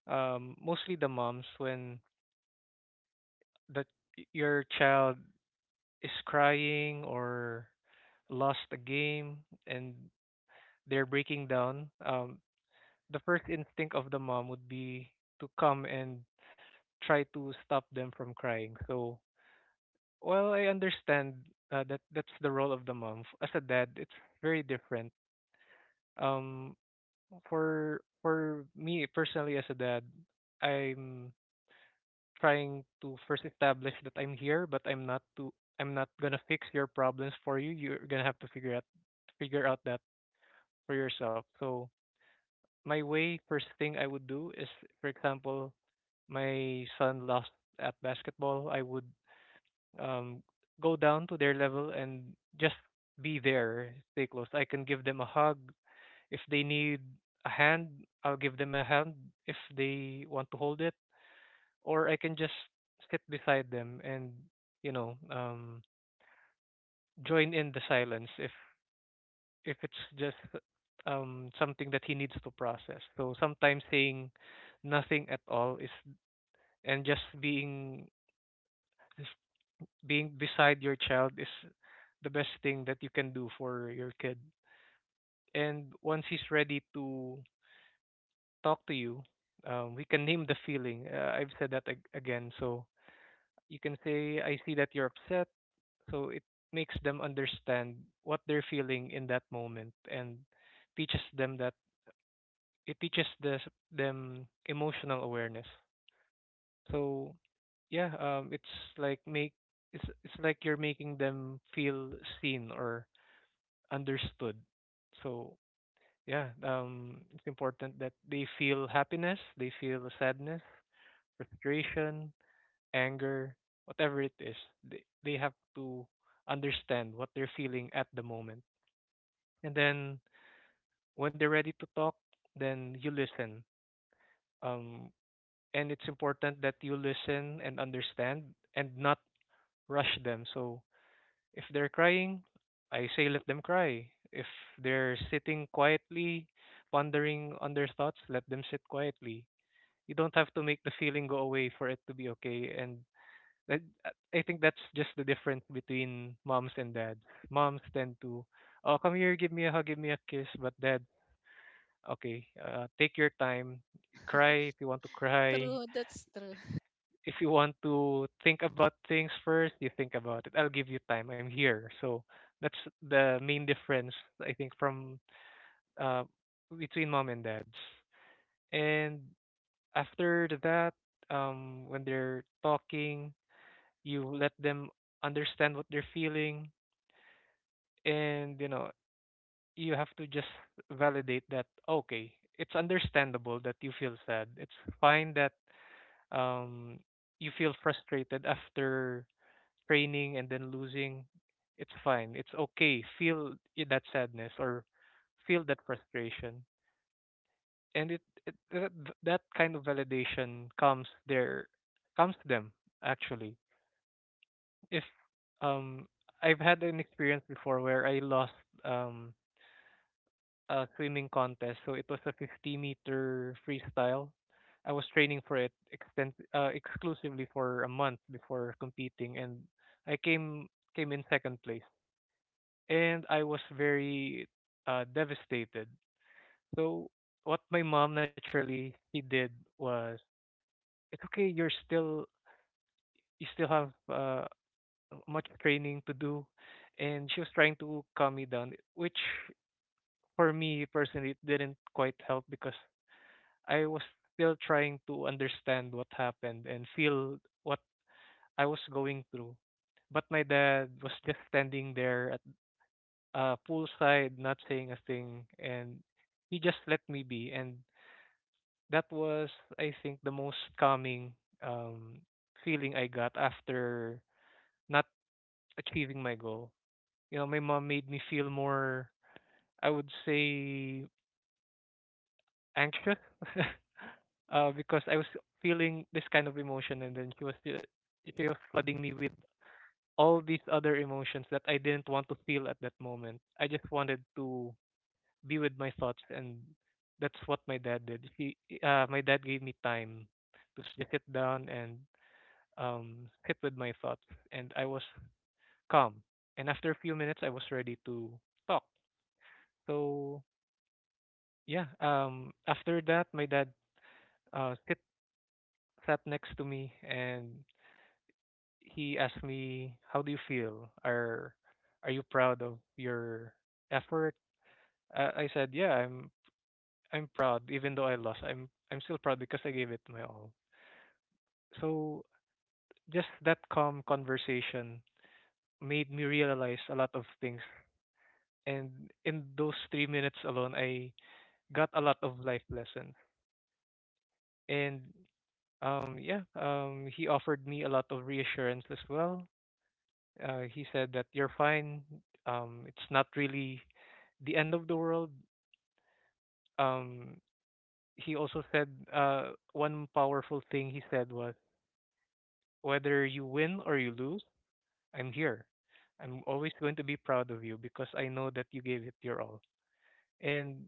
S3: mostly the moms, when the your child is crying or lost a game and they're breaking down, the first instinct of the mom would be to come and try to stop them from crying. So, well, I understand, that that's the role of the mom. As a dad, it's very different. Um, for me personally as a dad, I'm trying to first establish that I'm here, but I'm not gonna fix your problems for you. You're gonna have to figure out that for yourself. So my way first thing I would do is, for example, my son lost at basketball, I would um go down to their level and just be there, stay close. I can give them a hug. If they need a hand, I'll give them a hand. If they want to hold it, or I can just sit beside them and you know um, join in the silence, if it's just something that he needs to process. So sometimes saying nothing at all is and just being beside your child is the best thing that you can do for your kid. And once he's ready to talk to you, we can name the feeling. I've said that again. So you can say, "I see that you're upset," so it makes them understand what they're feeling in that moment and teaches them, that it teaches the, them emotional awareness. So yeah, like make it's like you're making them feel seen or understood. So yeah, it's important that they feel happiness, they feel sadness, frustration, anger, whatever it is, they have to understand what they're feeling at the moment. And then when they're ready to talk, then you listen. Um, and it's important that you listen and understand and not rush them. So if they're crying, I say let them cry. If they're sitting quietly, pondering on their thoughts, let them sit quietly. You don't have to make the feeling go away for it to be okay. And that, I think that's just the difference between moms and dads. Moms tend to, oh, come here, give me a hug, give me a kiss. But dad, okay, take your time. Cry if you want to cry.
S2: True, that's true.
S3: If you want to think about things first, you think about it. I'll give you time. I'm here. So that's the main difference, I think, from uh, between mom and dads. And after that, when they're talking, you let them understand what they're feeling, and you know you have to just validate that. Okay, it's understandable that you feel sad. It's fine that, um, you feel frustrated after training and then losing. It's fine. It's okay. Feel that sadness or feel that frustration, and it that kind of validation comes to them, actually. If um, I've had an experience before where I lost, um swimming contest. So it was a 50-meter freestyle. I was training for it, extent exclusively for a month before competing, and I came in second place. And I was very, devastated. So what my mom naturally he did was, it's okay, you're still you still have, much training to do, and she was trying to calm me down, which for me personally it didn't quite help because I was still trying to understand what happened and feel what I was going through. But my dad was just standing there at poolside, not saying a thing, and he just let me be. And that was, I think, the most calming, um, feeling I got after not achieving my goal. You know, my mom made me feel more, I would say, anxious, because I was feeling this kind of emotion, and then she was flooding me with all these other emotions that I didn't want to feel at that moment. I just wanted to be with my thoughts, and that's what my dad did. My dad gave me time to just sit down and, sit with my thoughts, and I was calm. And after a few minutes, I was ready to talk. So yeah, after that, my dad, sit sat next to me and he asked me, "How do you feel? Are you proud of your effort?" I said, "Yeah, I'm proud. Even though I lost, I'm still proud because I gave it my all." So just that calm conversation made me realize a lot of things, and in those 3 minutes alone, I got a lot of life lessons. And yeah, he offered me a lot of reassurance as well. He said that you're fine. It's not really the end of the world. Um, he also said, one powerful thing he said was, whether you win or you lose, I'm here. I'm always going to be proud of you because I know that you gave it your all. And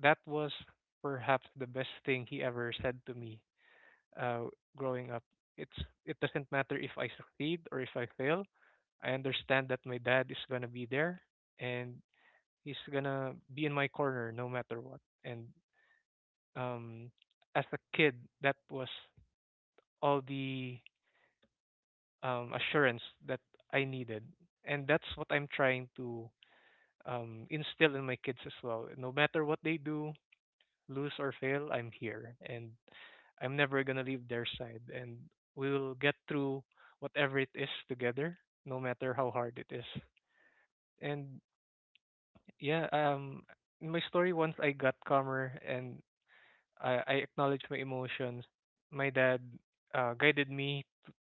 S3: that was perhaps the best thing he ever said to me, uh, growing up. It's it doesn't matter if I succeed or if I fail. I understand that my dad is gonna be there, and he's gonna be in my corner no matter what. And, um, as a kid, that was all the, assurance that I needed, and that's what I'm trying to, instill in my kids as well. No matter what they do, lose or fail, I'm here, and I'm never gonna leave their side, and we will get through whatever it is together, no matter how hard it is. And yeah, in my story, once I got calmer and I acknowledge my emotions, my dad, guided me,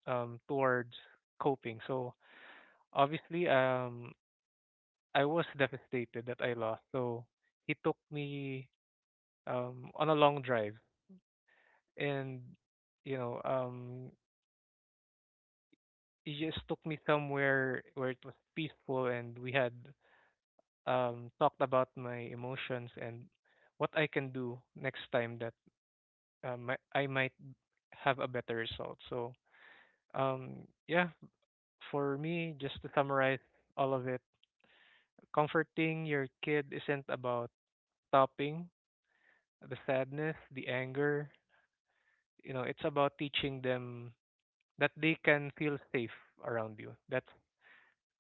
S3: towards coping. So obviously, I was devastated that I lost. So he took me, on a long drive, and you know, um, he just took me somewhere where it was peaceful, and we had, talked about my emotions and what I can do next time that, I might have a better result. So yeah, for me, just to summarize all of it, comforting your kid isn't about stopping the sadness, the anger. You know, it's about teaching them that they can feel safe around you. That's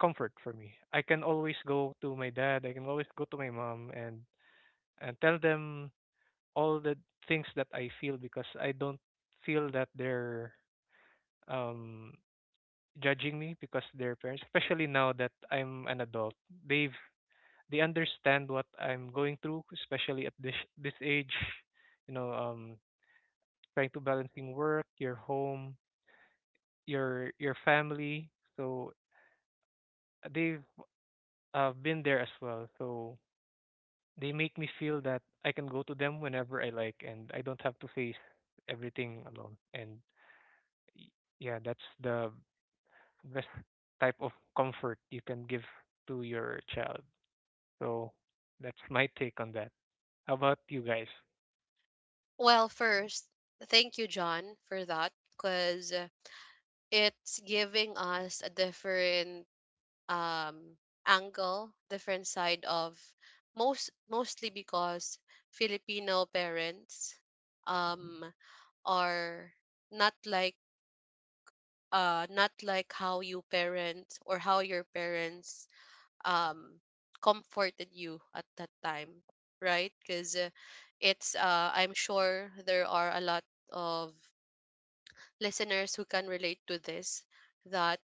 S3: comfort for me. I can always go to my dad. I can always go to my mom and tell them all the things that I feel because I don't feel that they're um judging me, because they're parents, especially now that I'm an adult. they've they understand what I'm going through, especially at this age. You know, trying to balancing work, your home, your family. So they've, been there as well. So they make me feel that I can go to them whenever I like, and I don't have to face everything alone. And y- yeah, that's the best type of comfort you can give to your child. So that's my take on that. How about you guys?
S1: Well, first, thank you, John, for that, because it's giving us a different, um, angle, different side of, mostly because Filipino parents, um, are not like, not like how you parent or how your parents um, comforted you at that time, right? Because it's I'm sure there are a lot of listeners who can relate to this, that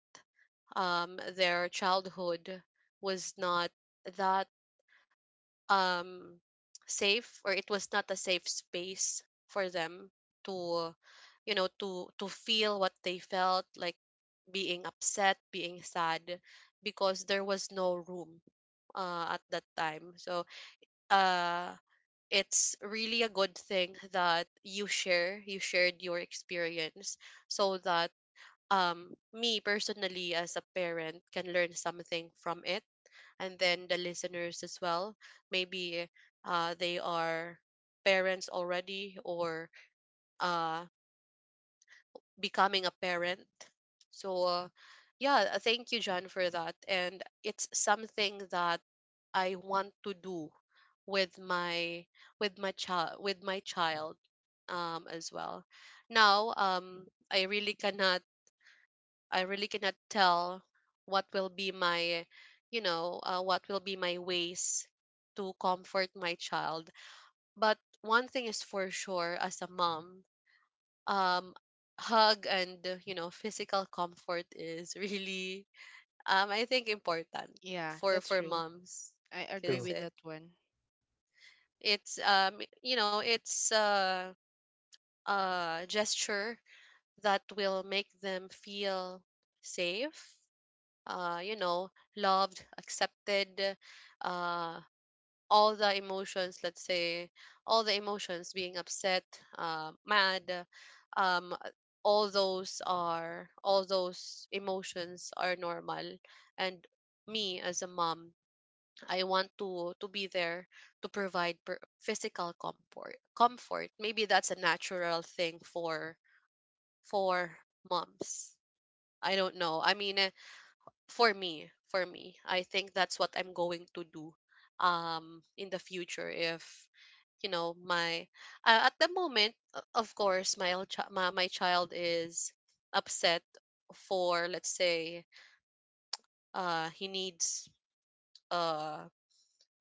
S1: their childhood was not that um safe, or it was not a safe space for them to, to feel what they felt, like being upset, being sad, because there was no room at that time. So uh it's really a good thing that you shared your experience, so that me personally as a parent can learn something from it, and then the listeners as well. Maybe they are parents already, or uh, becoming a parent. So yeah, thank you, John, for that, and it's something that I want to do with my, with my child as well. Now i really cannot I really cannot tell what will be my, what will be my ways to comfort my child. But one thing is for sure, as a mom, um, hug and, physical comfort is really, I think important
S2: Yeah, that's
S1: for
S2: true.
S1: moms,
S2: I agree
S3: True.
S1: because
S2: with that one.
S1: it's, you know, it's a gesture that will make them feel safe, uh, you know, loved, accepted, uh, all the emotions, let's say, all the emotions being upset, mad, um, all those emotions are normal. And me as a mom, I want to be there to provide physical comfort. Maybe that's a natural thing for moms. I don't know. I mean, for me, I think that's what I'm going to do in the future. If, my, at the moment, of course my child is upset, for let's say he needs uh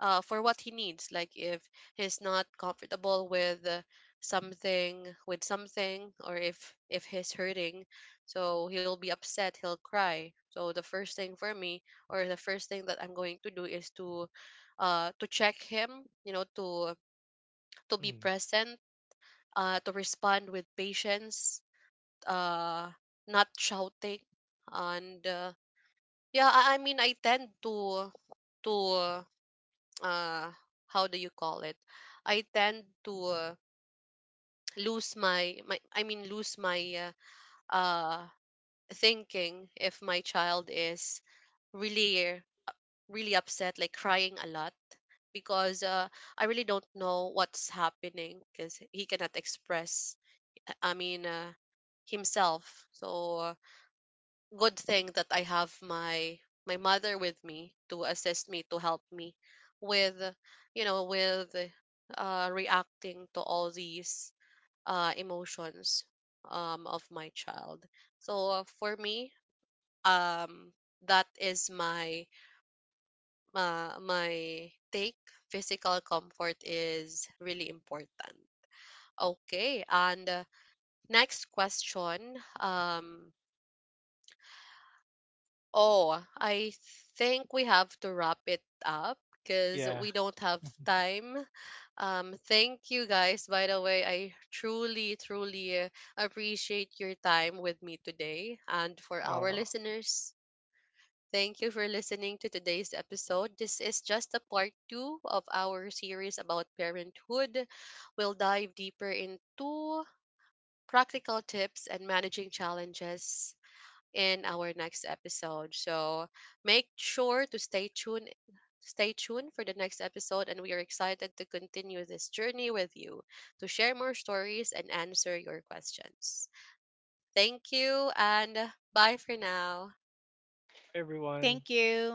S1: for what he needs. Like if he's not comfortable with with something, or if he's hurting, so he'll be upset. He'll cry. So the first thing for me, or the first thing that I'm going to do is to check him. You know, to be
S3: Mm.
S1: present. To respond with patience. Uh, Not shouting. And yeah, I mean, I tend to uh how do you call it I tend to lose my, lose my uh, uh thinking if my child is really really upset, like crying a lot, because I really don't know what's happening, because he cannot express, i mean uh, himself. So good thing that I have my, my mother with me to assist me, to help me with, with reacting to all these emotions of my child. So for me um that is my my take. Physical comfort is really important. Okay, and next question Oh, I think we have to wrap it up because
S3: Yeah.
S1: we don't have time. Thank you guys, by the way. I truly, truly appreciate your time with me today. And for our
S3: Uh,
S1: listeners, thank you for listening to today's episode. This is just a part 2 of our series about parenthood. We'll dive deeper into practical tips and managing challenges in our next episode. So make sure to stay tuned for the next episode, and we are excited to continue this journey with you, to share more stories and answer your questions. Thank you, and bye for now.
S3: Hi
S2: Thank
S3: everyone.
S2: you.